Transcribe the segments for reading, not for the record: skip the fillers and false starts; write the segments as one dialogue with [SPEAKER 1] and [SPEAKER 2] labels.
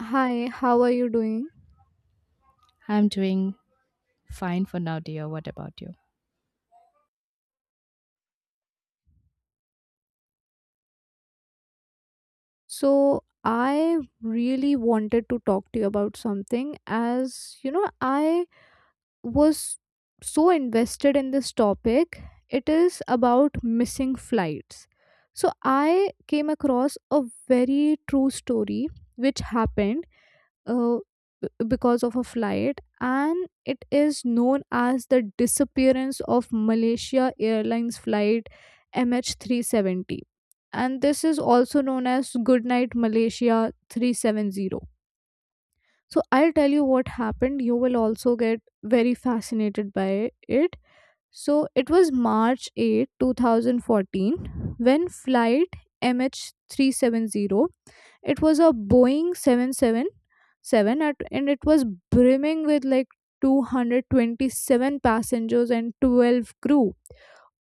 [SPEAKER 1] Hi, how are you doing?
[SPEAKER 2] I'm doing fine for now, dear. What about you?
[SPEAKER 1] So, I really wanted to talk to you about something. As you know, I was so invested in this topic. It is about missing flights. So, I came across a very true story which happened uh, because of a flight, and it is known as the disappearance of Malaysia Airlines flight MH370. And this is also known as Goodnight Malaysia 370. So I'll tell you what happened, you will also get very fascinated by it. So it was March 8, 2014 when flight MH370, it was a Boeing 777 at, and it was brimming with like 227 passengers and 12 crew.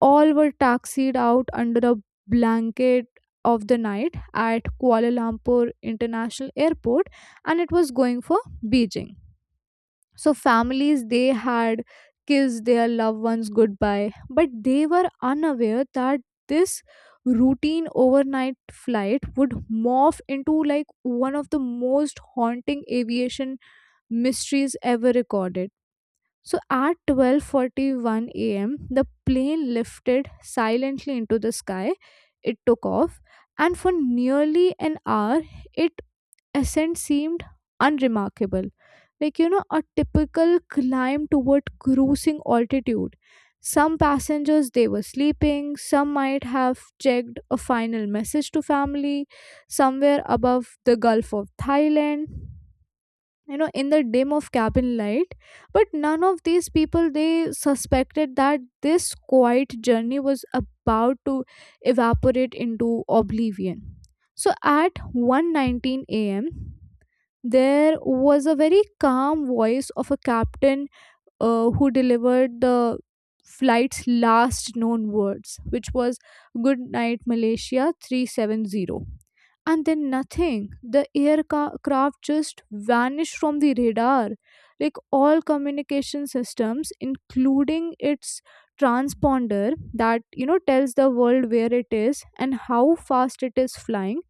[SPEAKER 1] All were taxied out under a blanket of the night at Kuala Lumpur International Airport, and it was going for Beijing. So families, they had kissed their loved ones goodbye, but they were unaware that this routine overnight flight would morph into like one of the most haunting aviation mysteries ever recorded. So at 12:41 a.m. the plane lifted silently into the sky. It took off, and for nearly an hour it ascent seemed unremarkable, like a typical climb toward cruising altitude. Some passengers they were sleeping, some might have checked a final message to family somewhere above the Gulf of Thailand, you know, in the dim of cabin light, but none of these people they suspected that this quiet journey was about to evaporate into oblivion. So at 1:19 a.m. there was a very calm voice of a captain who delivered the flight's last known words, which was, "Good night Malaysia 370." And then nothing, the aircraft just vanished from the radar. Like all communication systems, including its transponder that you know tells the world where it is and how fast it is flying,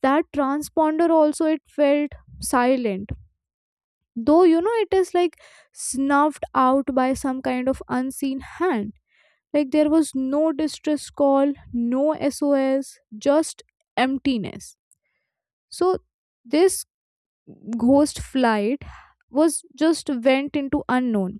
[SPEAKER 1] that transponder also it felt silent, though you know it is like snuffed out by some kind of unseen hand. Like there was no distress call, no SOS, just emptiness. So this ghost flight was just went into unknown.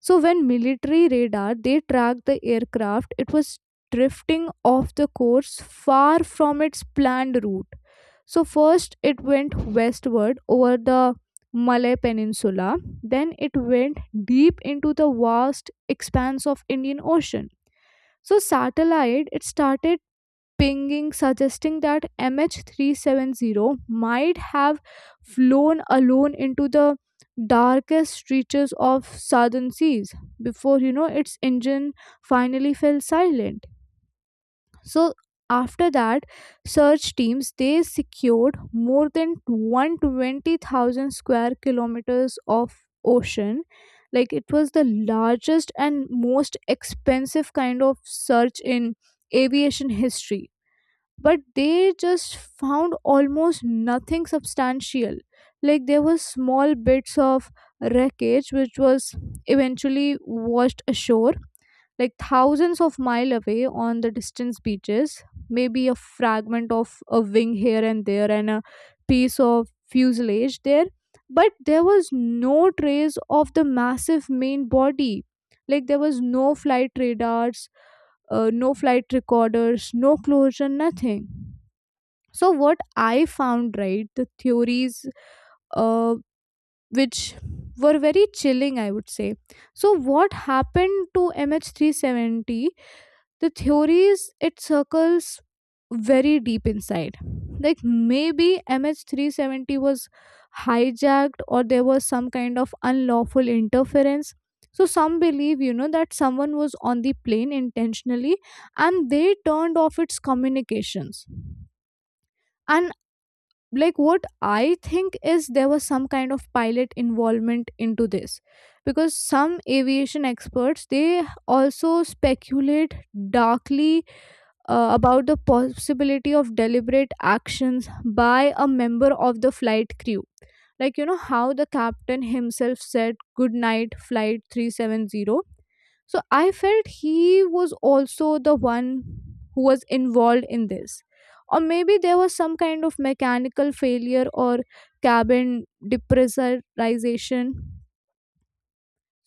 [SPEAKER 1] So when military radar they tracked the aircraft, it was drifting off the course, far from its planned route. So first it went westward over the Malay peninsula, then it went deep into the vast expanse of Indian Ocean. So satellite it started pinging, suggesting that MH370 might have flown alone into the darkest reaches of southern seas before you know its engine finally fell silent. So after that, search teams they secured more than 120,000 square kilometers of ocean. Like it was the largest and most expensive kind of search in aviation history, but they just found almost nothing substantial. Like there were small bits of wreckage which was eventually washed ashore, like thousands of mile away on the distant beaches. Maybe a fragment of a wing here and there, and a piece of fuselage there, but there was no trace of the massive main body. Like there was no flight radars, no flight recorders, no closure, nothing. So what I found, right, the theories uh, which were very chilling, I would say. So what happened to MH370? The theories it circles very deep inside. Like maybe MH370 was hijacked, or there was some kind of unlawful interference. So some believe you know that someone was on the plane intentionally and they turned off its communications. And like what I think is there was some kind of pilot involvement into this, because some aviation experts they also speculate darkly about the possibility of deliberate actions by a member of the flight crew. Like, you know, how the captain himself said, "Good night, flight 370." So I felt he was also the one who was involved in this. Or maybe there was some kind of mechanical failure or cabin depressurization.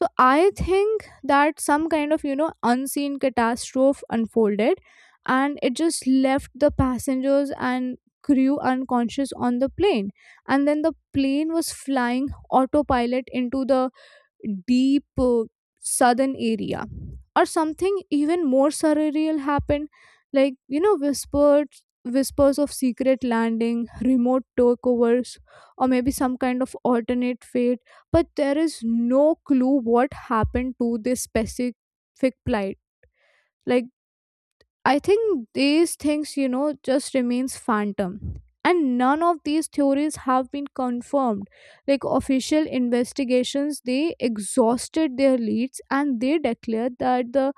[SPEAKER 1] So I think that some kind of, you know, unseen catastrophe unfolded, and it just left the passengers and crew unconscious on the plane. And then the plane was flying autopilot into the deep southern area. Or something even more surreal happened, like you know whispered whispers of secret landing, remote takeovers, or maybe some kind of alternate fate. But there is no clue what happened to this specific plight. Like I think these things, you know, just remains phantom. And none of these theories have been confirmed. Like official investigations, they exhausted their leads and they declared that the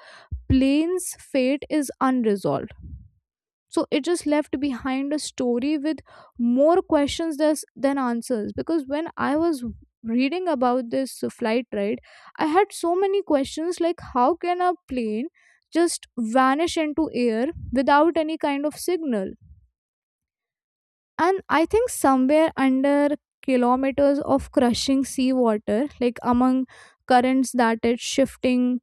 [SPEAKER 1] plane's fate is unresolved. So it just left behind a story with more questions than answers, because when I was reading about this flight ride, I had so many questions. Like how can a plane just vanish into air without any kind of signal? And I think somewhere under kilometers of crushing seawater, like among currents that it's shifting,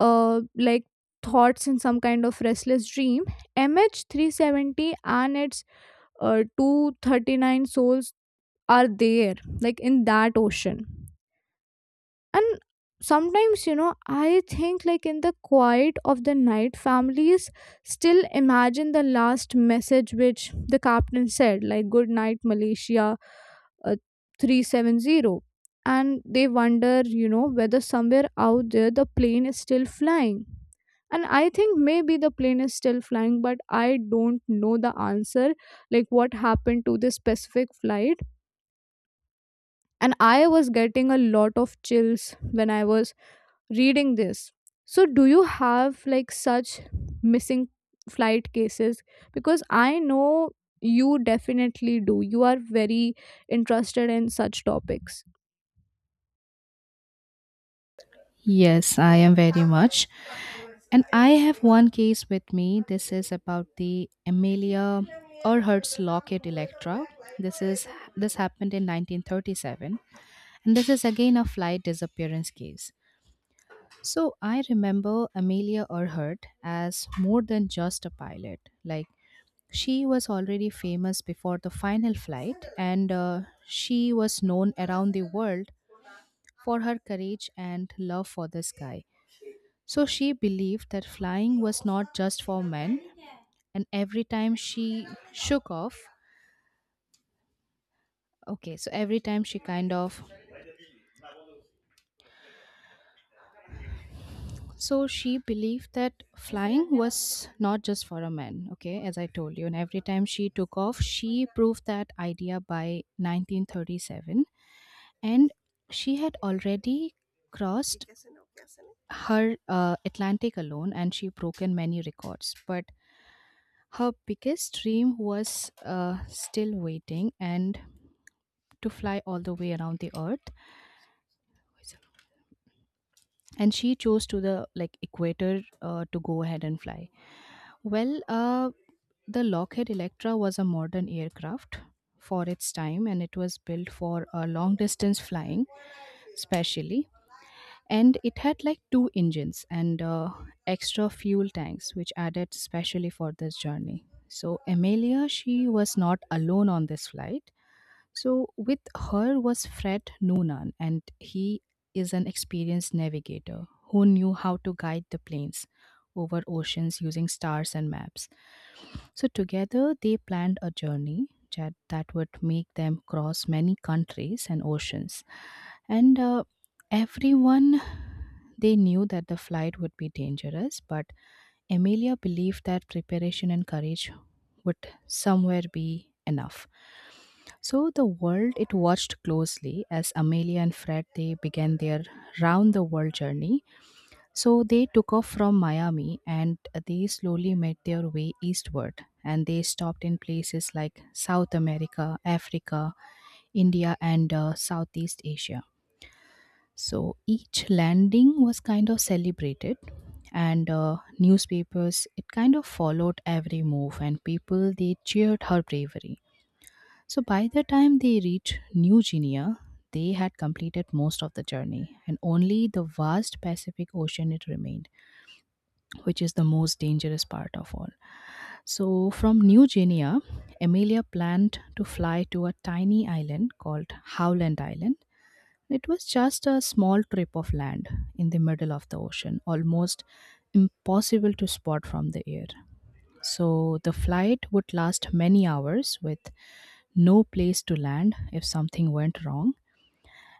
[SPEAKER 1] like thoughts in some kind of restless dream. MH370 and its 239 souls are there, like in that ocean. And sometimes, you know, I think like in the quiet of the night, families still imagine the last message which the captain said, like, "Good night Malaysia uh, 370." And they wonder, you know, whether somewhere out there the plane is still flying. And I think maybe the plane is still flying, but I don't know the answer, like what happened to this specific flight. And I was getting a lot of chills when I was reading this. So, do you have like such missing flight cases? Because I know you definitely do. You are very interested in such topics.
[SPEAKER 2] Yes, I am very much. And I have one case with me. This is about the Amelia Earhart's locket Electra. This is this happened in 1937, and this is again a flight disappearance case. So I remember Amelia Earhart as more than just a pilot. Like she was already famous before the final flight, and she was known around the world for her courage and love for the sky. So she believed that flying was not just for men, and every time she shook off, okay, so every time she kind of so she believed that flying was not just for a man, okay, as I told you. And every time she took off, she proved that idea by 1937. And she had already crossed her Atlantic alone and she broken many records. But her biggest dream was still waiting and to fly all the way around the earth. And she chose to the like equator to go ahead and fly. Well, the Lockheed Electra was a modern aircraft for its time and it was built for long distance flying, specially. And it had like two engines and extra fuel tanks, which added specially for this journey. So, Amelia, she was not alone on this flight. So with her was Fred Noonan, and he is an experienced navigator who knew how to guide the planes over oceans using stars and maps. So together they planned a journey that would make them cross many countries and oceans. And everyone they knew that the flight would be dangerous, but Emilia believed that preparation and courage would somewhere be enough. So the world it watched closely as Amelia and Fred they began their round the world journey. So they took off from Miami and they slowly made their way eastward and they stopped in places like South America, Africa, India and Southeast Asia. So each landing was kind of celebrated, and newspapers it kind of followed every move, and people they cheered her bravery. So by the time they reached New Guinea, they had completed most of the journey, and only the vast Pacific Ocean it remained, which is the most dangerous part of all. So from New Guinea, Amelia planned to fly to a tiny island called Howland Island. It was just a small strip of land in the middle of the ocean, almost impossible to spot from the air. So the flight would last many hours with no place to land if something went wrong.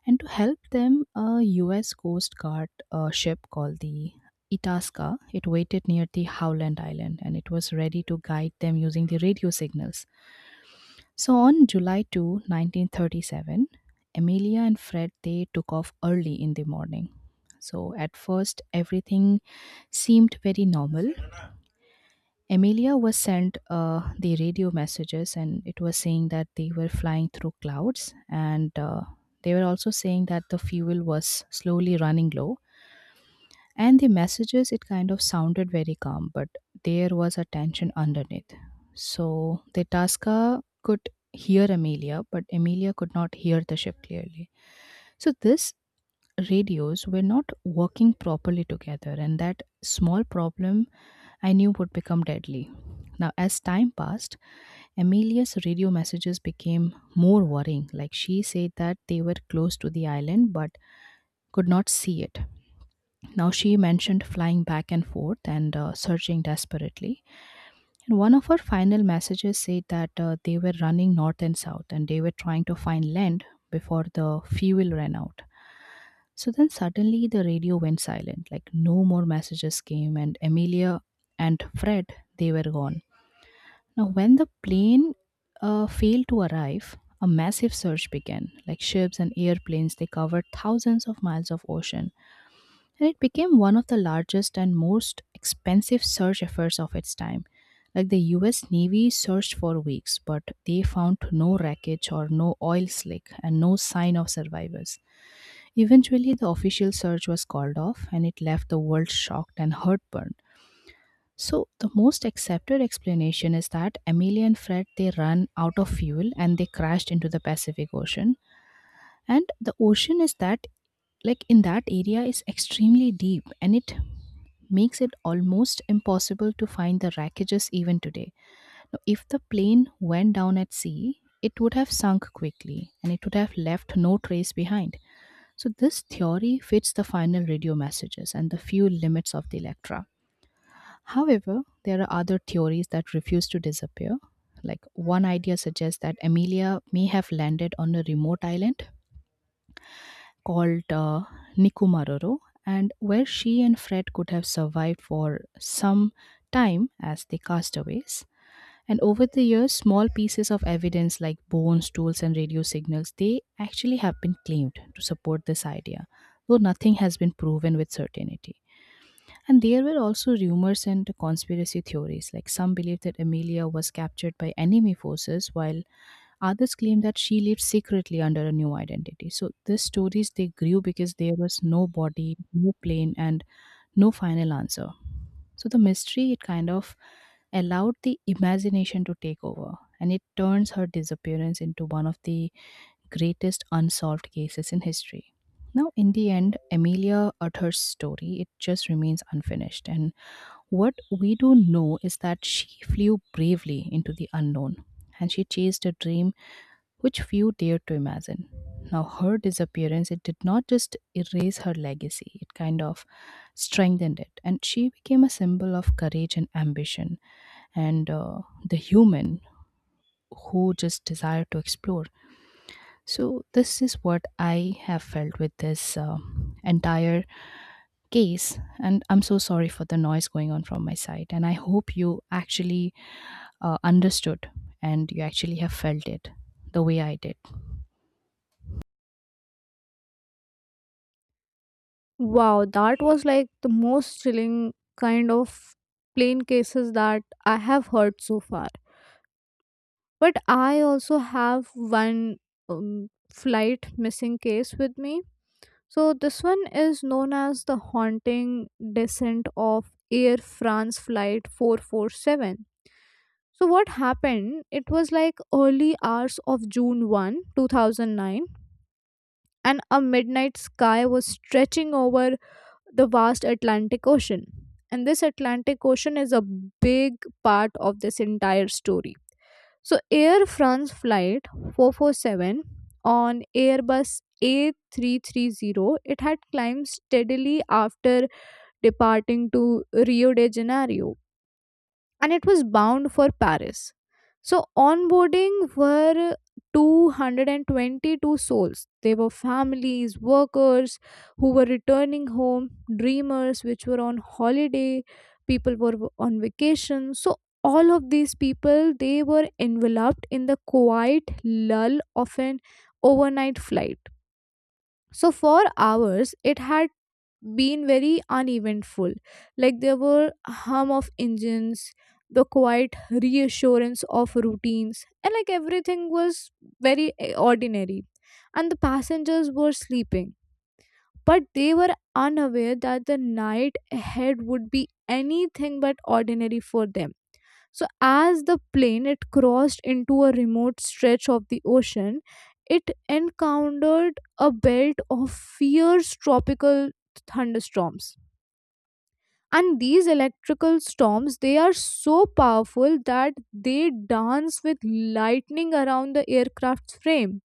[SPEAKER 2] And to help them, a US Coast Guard ship called the Itasca, it waited near the Howland Island and it was ready to guide them using the radio signals. So on July 2, 1937, Amelia and Fred they took off early in the morning. So at first everything seemed very normal. Amelia was sent the radio messages and it was saying that they were flying through clouds and they were also saying that the fuel was slowly running low and the messages, it kind of sounded very calm, but there was a tension underneath. So the Tasca could hear Amelia, but Amelia could not hear the ship clearly. So this radios were not working properly together, and that small problem I knew would become deadly. Now, as time passed, Amelia's radio messages became more worrying. Like she said that they were close to the island, but could not see it. Now she mentioned flying back and forth and searching desperately. And one of her final messages said that they were running north and south and they were trying to find land before the fuel ran out. So then suddenly the radio went silent, like no more messages came, and Amelia and Fred they were gone. Now when the plane failed to arrive, a massive search began. Like ships and airplanes, they covered thousands of miles of ocean and it became one of the largest and most expensive search efforts of its time. Like the US Navy searched for weeks, but they found no wreckage or no oil slick and no sign of survivors. Eventually, the official search was called off and it left the world shocked and heartburned. So, the most accepted explanation is that Amelia and Fred they ran out of fuel and they crashed into the Pacific Ocean and the ocean is that like in that area is extremely deep and it makes it almost impossible to find the wreckages even today. Now, if the plane went down at sea, it would have sunk quickly and it would have left no trace behind. So, this theory fits the final radio messages and the few limits of the Electra. However, there are other theories that refuse to disappear. Like one idea suggests that Amelia may have landed on a remote island called Nikumaroro, and where she and Fred could have survived for some time as the castaways. And over the years, small pieces of evidence like bones, tools, and radio signals they actually have been claimed to support this idea, though nothing has been proven with certainty. And there were also rumors and conspiracy theories, like some believed that Amelia was captured by enemy forces while others claim that she lived secretly under a new identity. So these stories they grew because there was no body, no plane, and no final answer. So the mystery it kind of allowed the imagination to take over, and it turns her disappearance into one of the greatest unsolved cases in history. Now, in the end, Amelia Earhart's story it just remains unfinished, and what we do know is that she flew bravely into the unknown, and she chased a dream which few dared to imagine. Now, her disappearance, it did not just erase her legacy, it kind of strengthened it. And she became a symbol of courage and ambition and the human who just desire to explore. So, this is what I have felt with this entire case. And I'm so sorry for the noise going on from my side. And I hope you actually understood and you actually have felt it the way I did.
[SPEAKER 1] Wow, that was like the most chilling kind of plane cases that I have heard so far. But I also have one flight missing case with me. So this one is known as the haunting descent of Air France flight 447. So what happened? It was like early hours of June 1, 2009, and a midnight sky was stretching over the vast Atlantic Ocean. And this Atlantic Ocean is a big part of this entire story. So Air France flight 447 on Airbus A330, it had climbed steadily after departing to Rio de Janeiro, and it was bound for Paris. So onboarding were 222 souls. They were families, workers who were returning home, dreamers which were on holiday, people were on vacation. So all of these people they were enveloped in the quiet lull of an overnight flight. So for hours it had been very uneventful. Like there were hum of engines, the quiet reassurance of routines, and like everything was very ordinary. And the passengers were sleeping, but they were unaware that the night ahead would be anything but ordinary for them. So as the plane it crossed into a remote stretch of the ocean, it encountered a belt of fierce tropical thunderstorms. And these electrical storms they are so powerful that they dance with lightning around the aircraft's frame.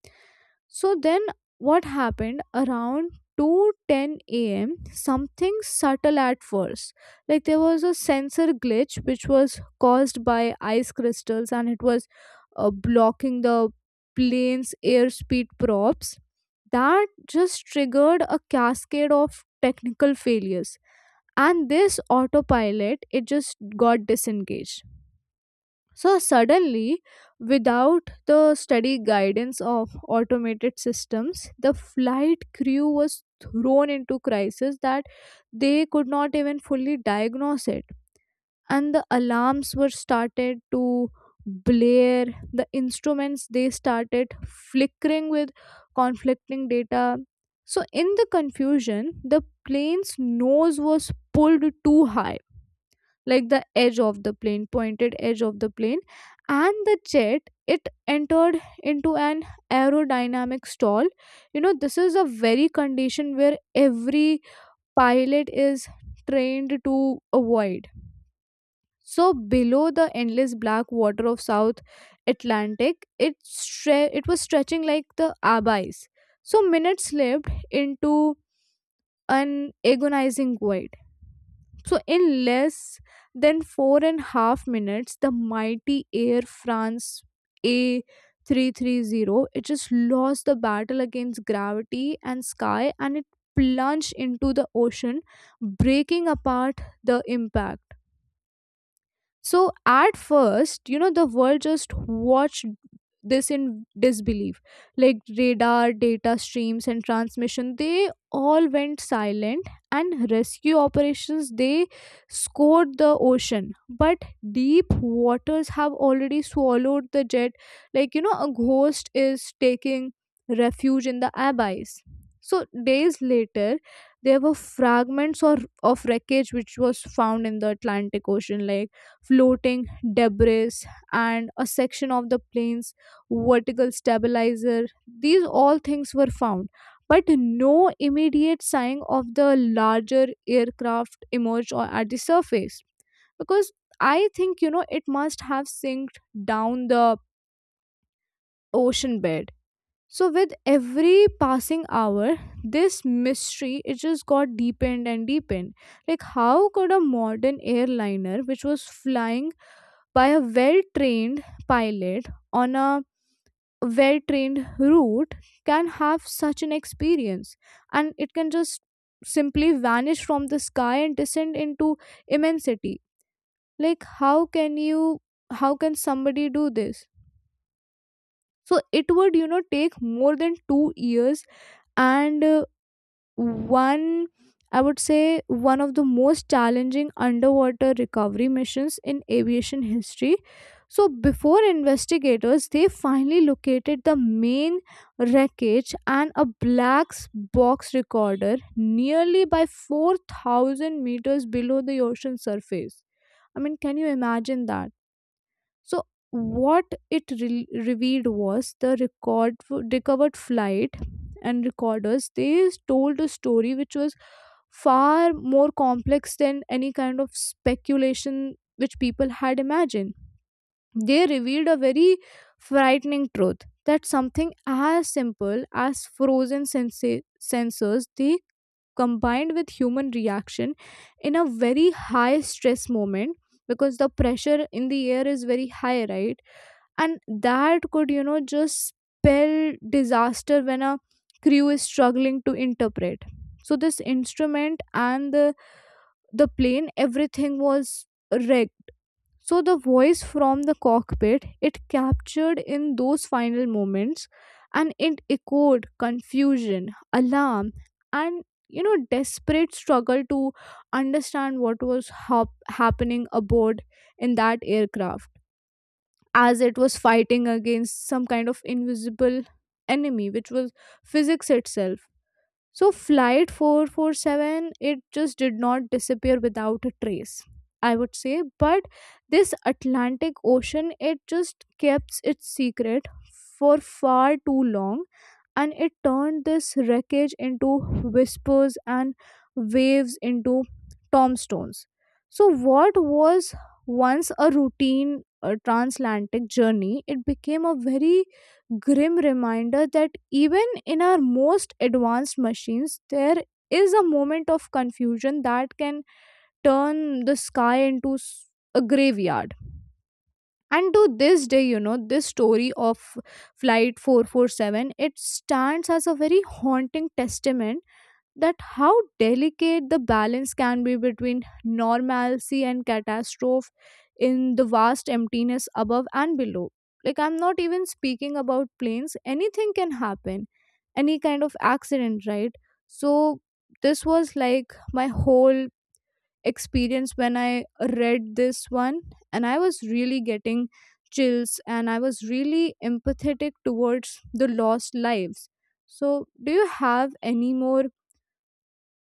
[SPEAKER 1] So then what happened around 2:10 a.m., something subtle at first. Like there was a sensor glitch which was caused by ice crystals, and it was blocking the plane's airspeed props, that just triggered a cascade of technical failures. And this autopilot it just got disengaged. So suddenly, without the steady guidance of automated systems, the flight crew was thrown into crisis that they could not even fully diagnose it. And the alarms were started to blare. The instruments they started flickering with conflicting data. So in the confusion, the plane's nose was pulled too high, like the edge of the plane pointed edge of the plane, and the jet it entered into an aerodynamic stall. You know this is a very condition where every pilot is trained to avoid. So below the endless black water of south Atlantic it it was stretching like the abyss. So minutes slipped into an agonizing void. So, in less than 4.5 minutes, the mighty Air France A330 it just lost the battle against gravity and sky, and it plunged into the ocean, breaking apart the impact. So at first, you know, the world just watched this in disbelief. Like radar, data streams, and transmission, they all went silent, and rescue operations, they scored the ocean. But deep waters have already swallowed the jet, like, you know, a ghost is taking refuge in the abyss. So days later, there were fragments or of wreckage which was found in the Atlantic Ocean, like floating debris and a section of the plane's vertical stabilizer. These all things were found, but no immediate sign of the larger aircraft emerged or at the surface. Because I think, you know, it must have sinked down the ocean bed. So, with every passing hour, this mystery it just got deepened and deepened. Like, how could a modern airliner, which was flying by a well trained pilot on a well trained route, can have such an experience, and it can just simply vanish from the sky and descend into immensity? Like how can you, how can somebody do this? So it would you know take more than 2 years and one, I would say, one of the most challenging underwater recovery missions in aviation history. So before investigators they finally located the main wreckage and a black box recorder nearly by 4,000 meters below the ocean surface. I mean, can you imagine that? So what it revealed was the record recovered flight and recorders, they told a story which was far more complex than any kind of speculation which people had imagined. They revealed a very frightening truth that something as simple as frozen sensors they combined with human reaction in a very high stress moment, because the pressure in the air is very high, right? And that could, you know, just spell disaster when a crew is struggling to interpret. So this instrument and the plane everything was rigged. So the voice from the cockpit, it captured in those final moments, and it echoed confusion, alarm, and you know desperate struggle to understand what was happening aboard in that aircraft, as it was fighting against some kind of invisible enemy, which was physics itself. So flight 447 it just did not disappear without a trace, I would say, but this Atlantic Ocean it just kept its secret for far too long, and it turned this wreckage into whispers and waves into tombstones. So, what was once a routine transatlantic journey, it became a very grim reminder that even in our most advanced machines, there is a moment of confusion that can turn the sky into a graveyard. And to this day, you know, this story of Flight 447, it stands as a very haunting testament that how delicate the balance can be between normalcy and catastrophe in the vast emptiness above and below. Like, I'm not even speaking about planes, anything can happen, any kind of accident, right? So, this was like my whole experience when I read this one, and I was really getting chills and I was really empathetic towards the lost lives. So, do you have any more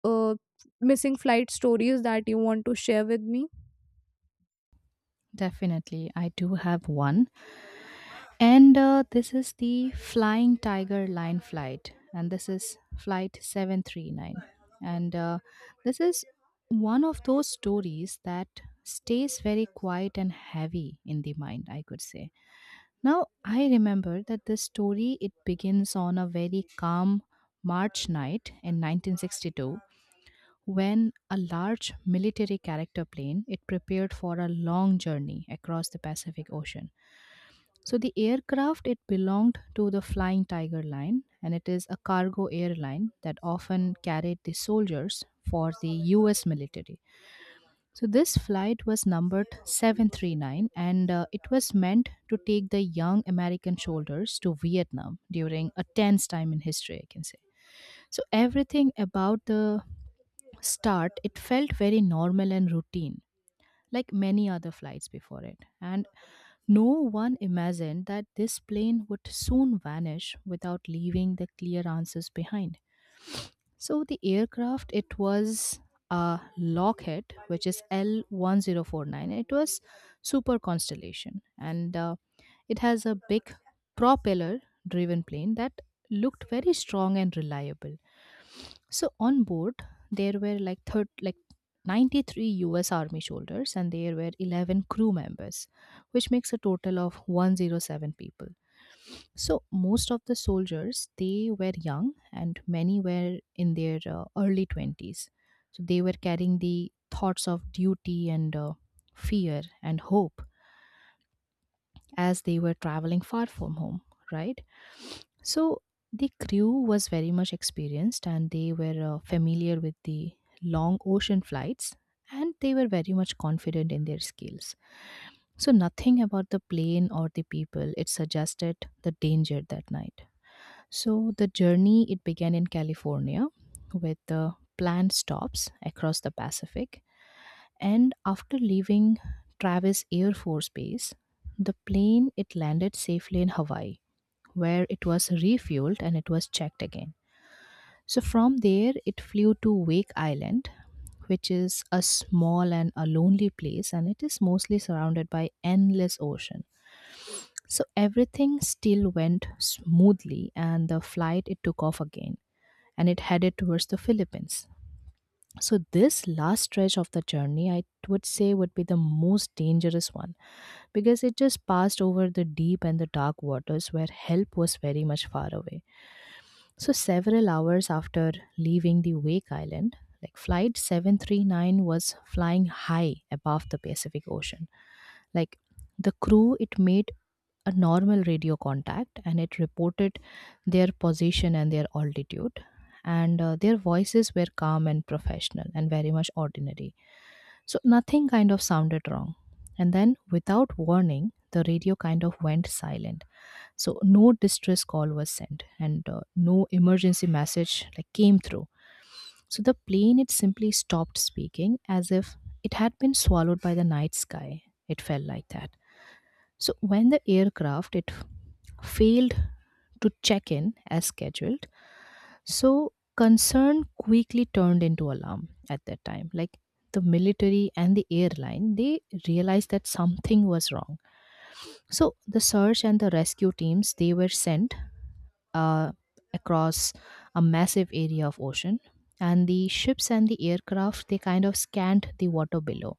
[SPEAKER 1] uh, missing flight stories that you want to share with me?
[SPEAKER 2] Definitely, I do have one. And this is the Flying Tiger Line flight, and this is flight 739. And this is one of those stories that stays very quiet and heavy in the mind, I could say. Now, I remember that this story it begins on a very calm March night in 1962 when a large military character plane it prepared for a long journey across the Pacific Ocean so the aircraft it belonged to the Flying Tiger Line and it is a cargo airline that often carried the soldiers for the US military. So this flight was numbered 739 and it was meant to take the young American soldiers to Vietnam during a tense time in history I can say. So everything about the start, it felt very normal and routine, like many other flights before it. And no one imagined that this plane would soon vanish without leaving the clear answers behind. So the aircraft it was a Lockheed, which is L1049. It was super constellation, and it has a big propeller driven plane that looked very strong and reliable. So on board there were like 93 US Army soldiers and there were 11 crew members, which makes a total of 107 people. So most of the soldiers they were young and many were in their early 20s. So they were carrying the thoughts of duty and fear and hope as they were traveling far from home, right? So the crew was very much experienced and they were familiar with the long ocean flights and they were very much confident in their skills. So nothing about the plane or the people it suggested the danger that night. So the journey it began in California with the planned stops across the Pacific and after leaving Travis Air Force Base, the plane it landed safely in Hawaii, where it was refueled and it was checked again. So from there, it flew to Wake Island, which is a small and a lonely place, and it is mostly surrounded by endless ocean. So everything still went smoothly, and the flight it took off again, and it headed towards the Philippines. So, this last stretch of the journey, I would say, would be the most dangerous one because it just passed over the deep and the dark waters where help was very much far away. So, several hours after leaving the Wake Island, like Flight 739 was flying high above the Pacific Ocean. Like the crew, it made a normal radio contact and it reported their position and their altitude. And their voices were calm and professional and very much ordinary. So nothing kind of sounded wrong. And then, without warning, the radio kind of went silent. So no distress call was sent and no emergency message like came through. So the plane it simply stopped speaking as if it had been swallowed by the night sky. It felt like that. So when the aircraft it failed to check in as scheduled, so concern quickly turned into alarm at that time. Like the military and the airline, they realized that something was wrong. So the search and the rescue teams they were sent uh, across a massive area of ocean, and the ships and the aircraft they kind of scanned the water below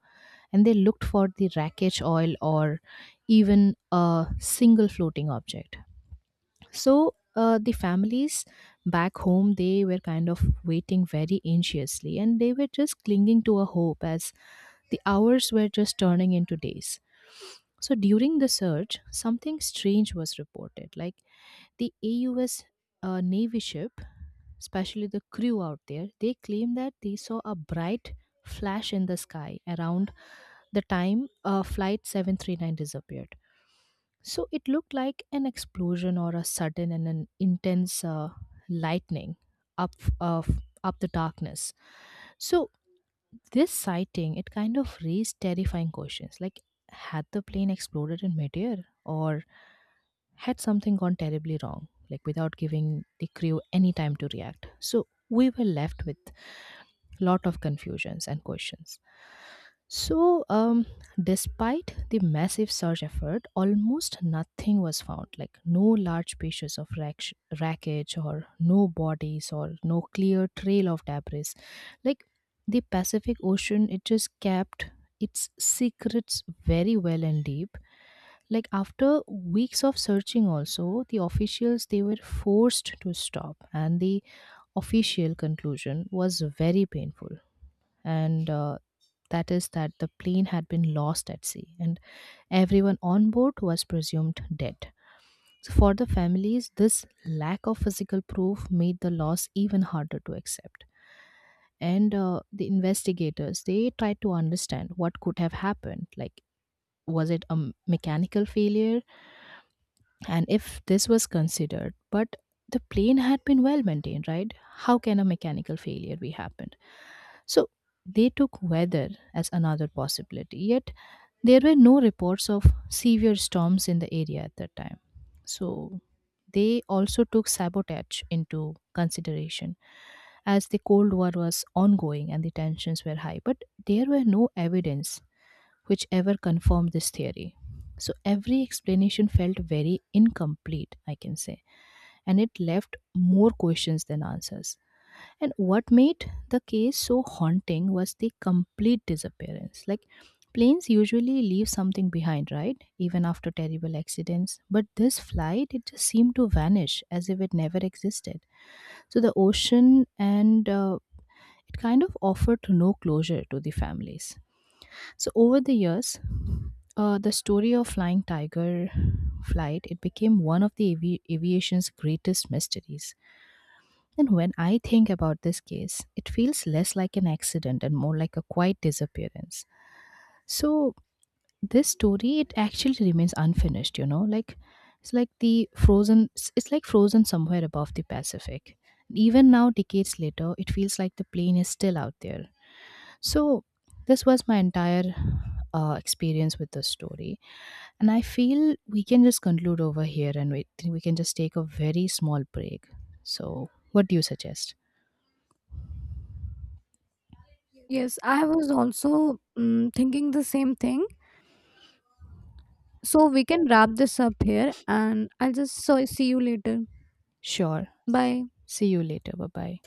[SPEAKER 2] and they looked for the wreckage oil or even a single floating object. So the families back home they were kind of waiting very anxiously and they were just clinging to a hope as the hours were just turning into days. So during the search, something strange was reported. Like the AUS Navy ship, especially the crew out there, they claim that they saw a bright flash in the sky around the time Flight 739 disappeared. So it looked like an explosion or a sudden and an intense lightning up, uh, up the darkness. So this sighting, it kind of raised terrifying questions like had the plane exploded in midair or had something gone terribly wrong, like without giving the crew any time to react. So we were left with lot of confusions and questions. So, despite the massive search effort, almost nothing was found. Like no large pieces of wreckage, or no bodies, or no clear trail of debris. Like the Pacific Ocean, it just kept its secrets very well and deep. Like after weeks of searching, also, the officials they were forced to stop, and the official conclusion was very painful. And that is that the plane had been lost at sea, and everyone on board was presumed dead. So for the families, this lack of physical proof made the loss even harder to accept, and the investigators they tried to understand what could have happened, like was it a mechanical failure, and if this was considered, but the plane had been well maintained, right? How can a mechanical failure be happened? So they took weather as another possibility, yet there were no reports of severe storms in the area at that time. So they also took sabotage into consideration as the Cold War was ongoing and the tensions were high. But there were no evidence which ever confirmed this theory. So every explanation felt very incomplete, I can say, and it left more questions than answers. And what made the case so haunting was the complete disappearance. Like planes usually leave something behind, right? Even after terrible accidents. But this flight, it just seemed to vanish as if it never existed. So the ocean and it kind of offered no closure to the families. So over the years, the story of Flying Tiger flight, it became one of the aviation's greatest mysteries. And when I think about this case, it feels less like an accident and more like a quiet disappearance. So this story, it actually remains unfinished, you know, like it's like the frozen, it's like frozen somewhere above the Pacific. Even now, decades later, it feels like the plane is still out there. So this was my entire experience with the story. And I feel we can just conclude over here, and we can just take a very small break. So what do you suggest?
[SPEAKER 1] Yes, I was also thinking the same thing. So we can wrap this up here, and I'll just so see you later.
[SPEAKER 2] Sure.
[SPEAKER 1] Bye.
[SPEAKER 2] See you later. Bye bye.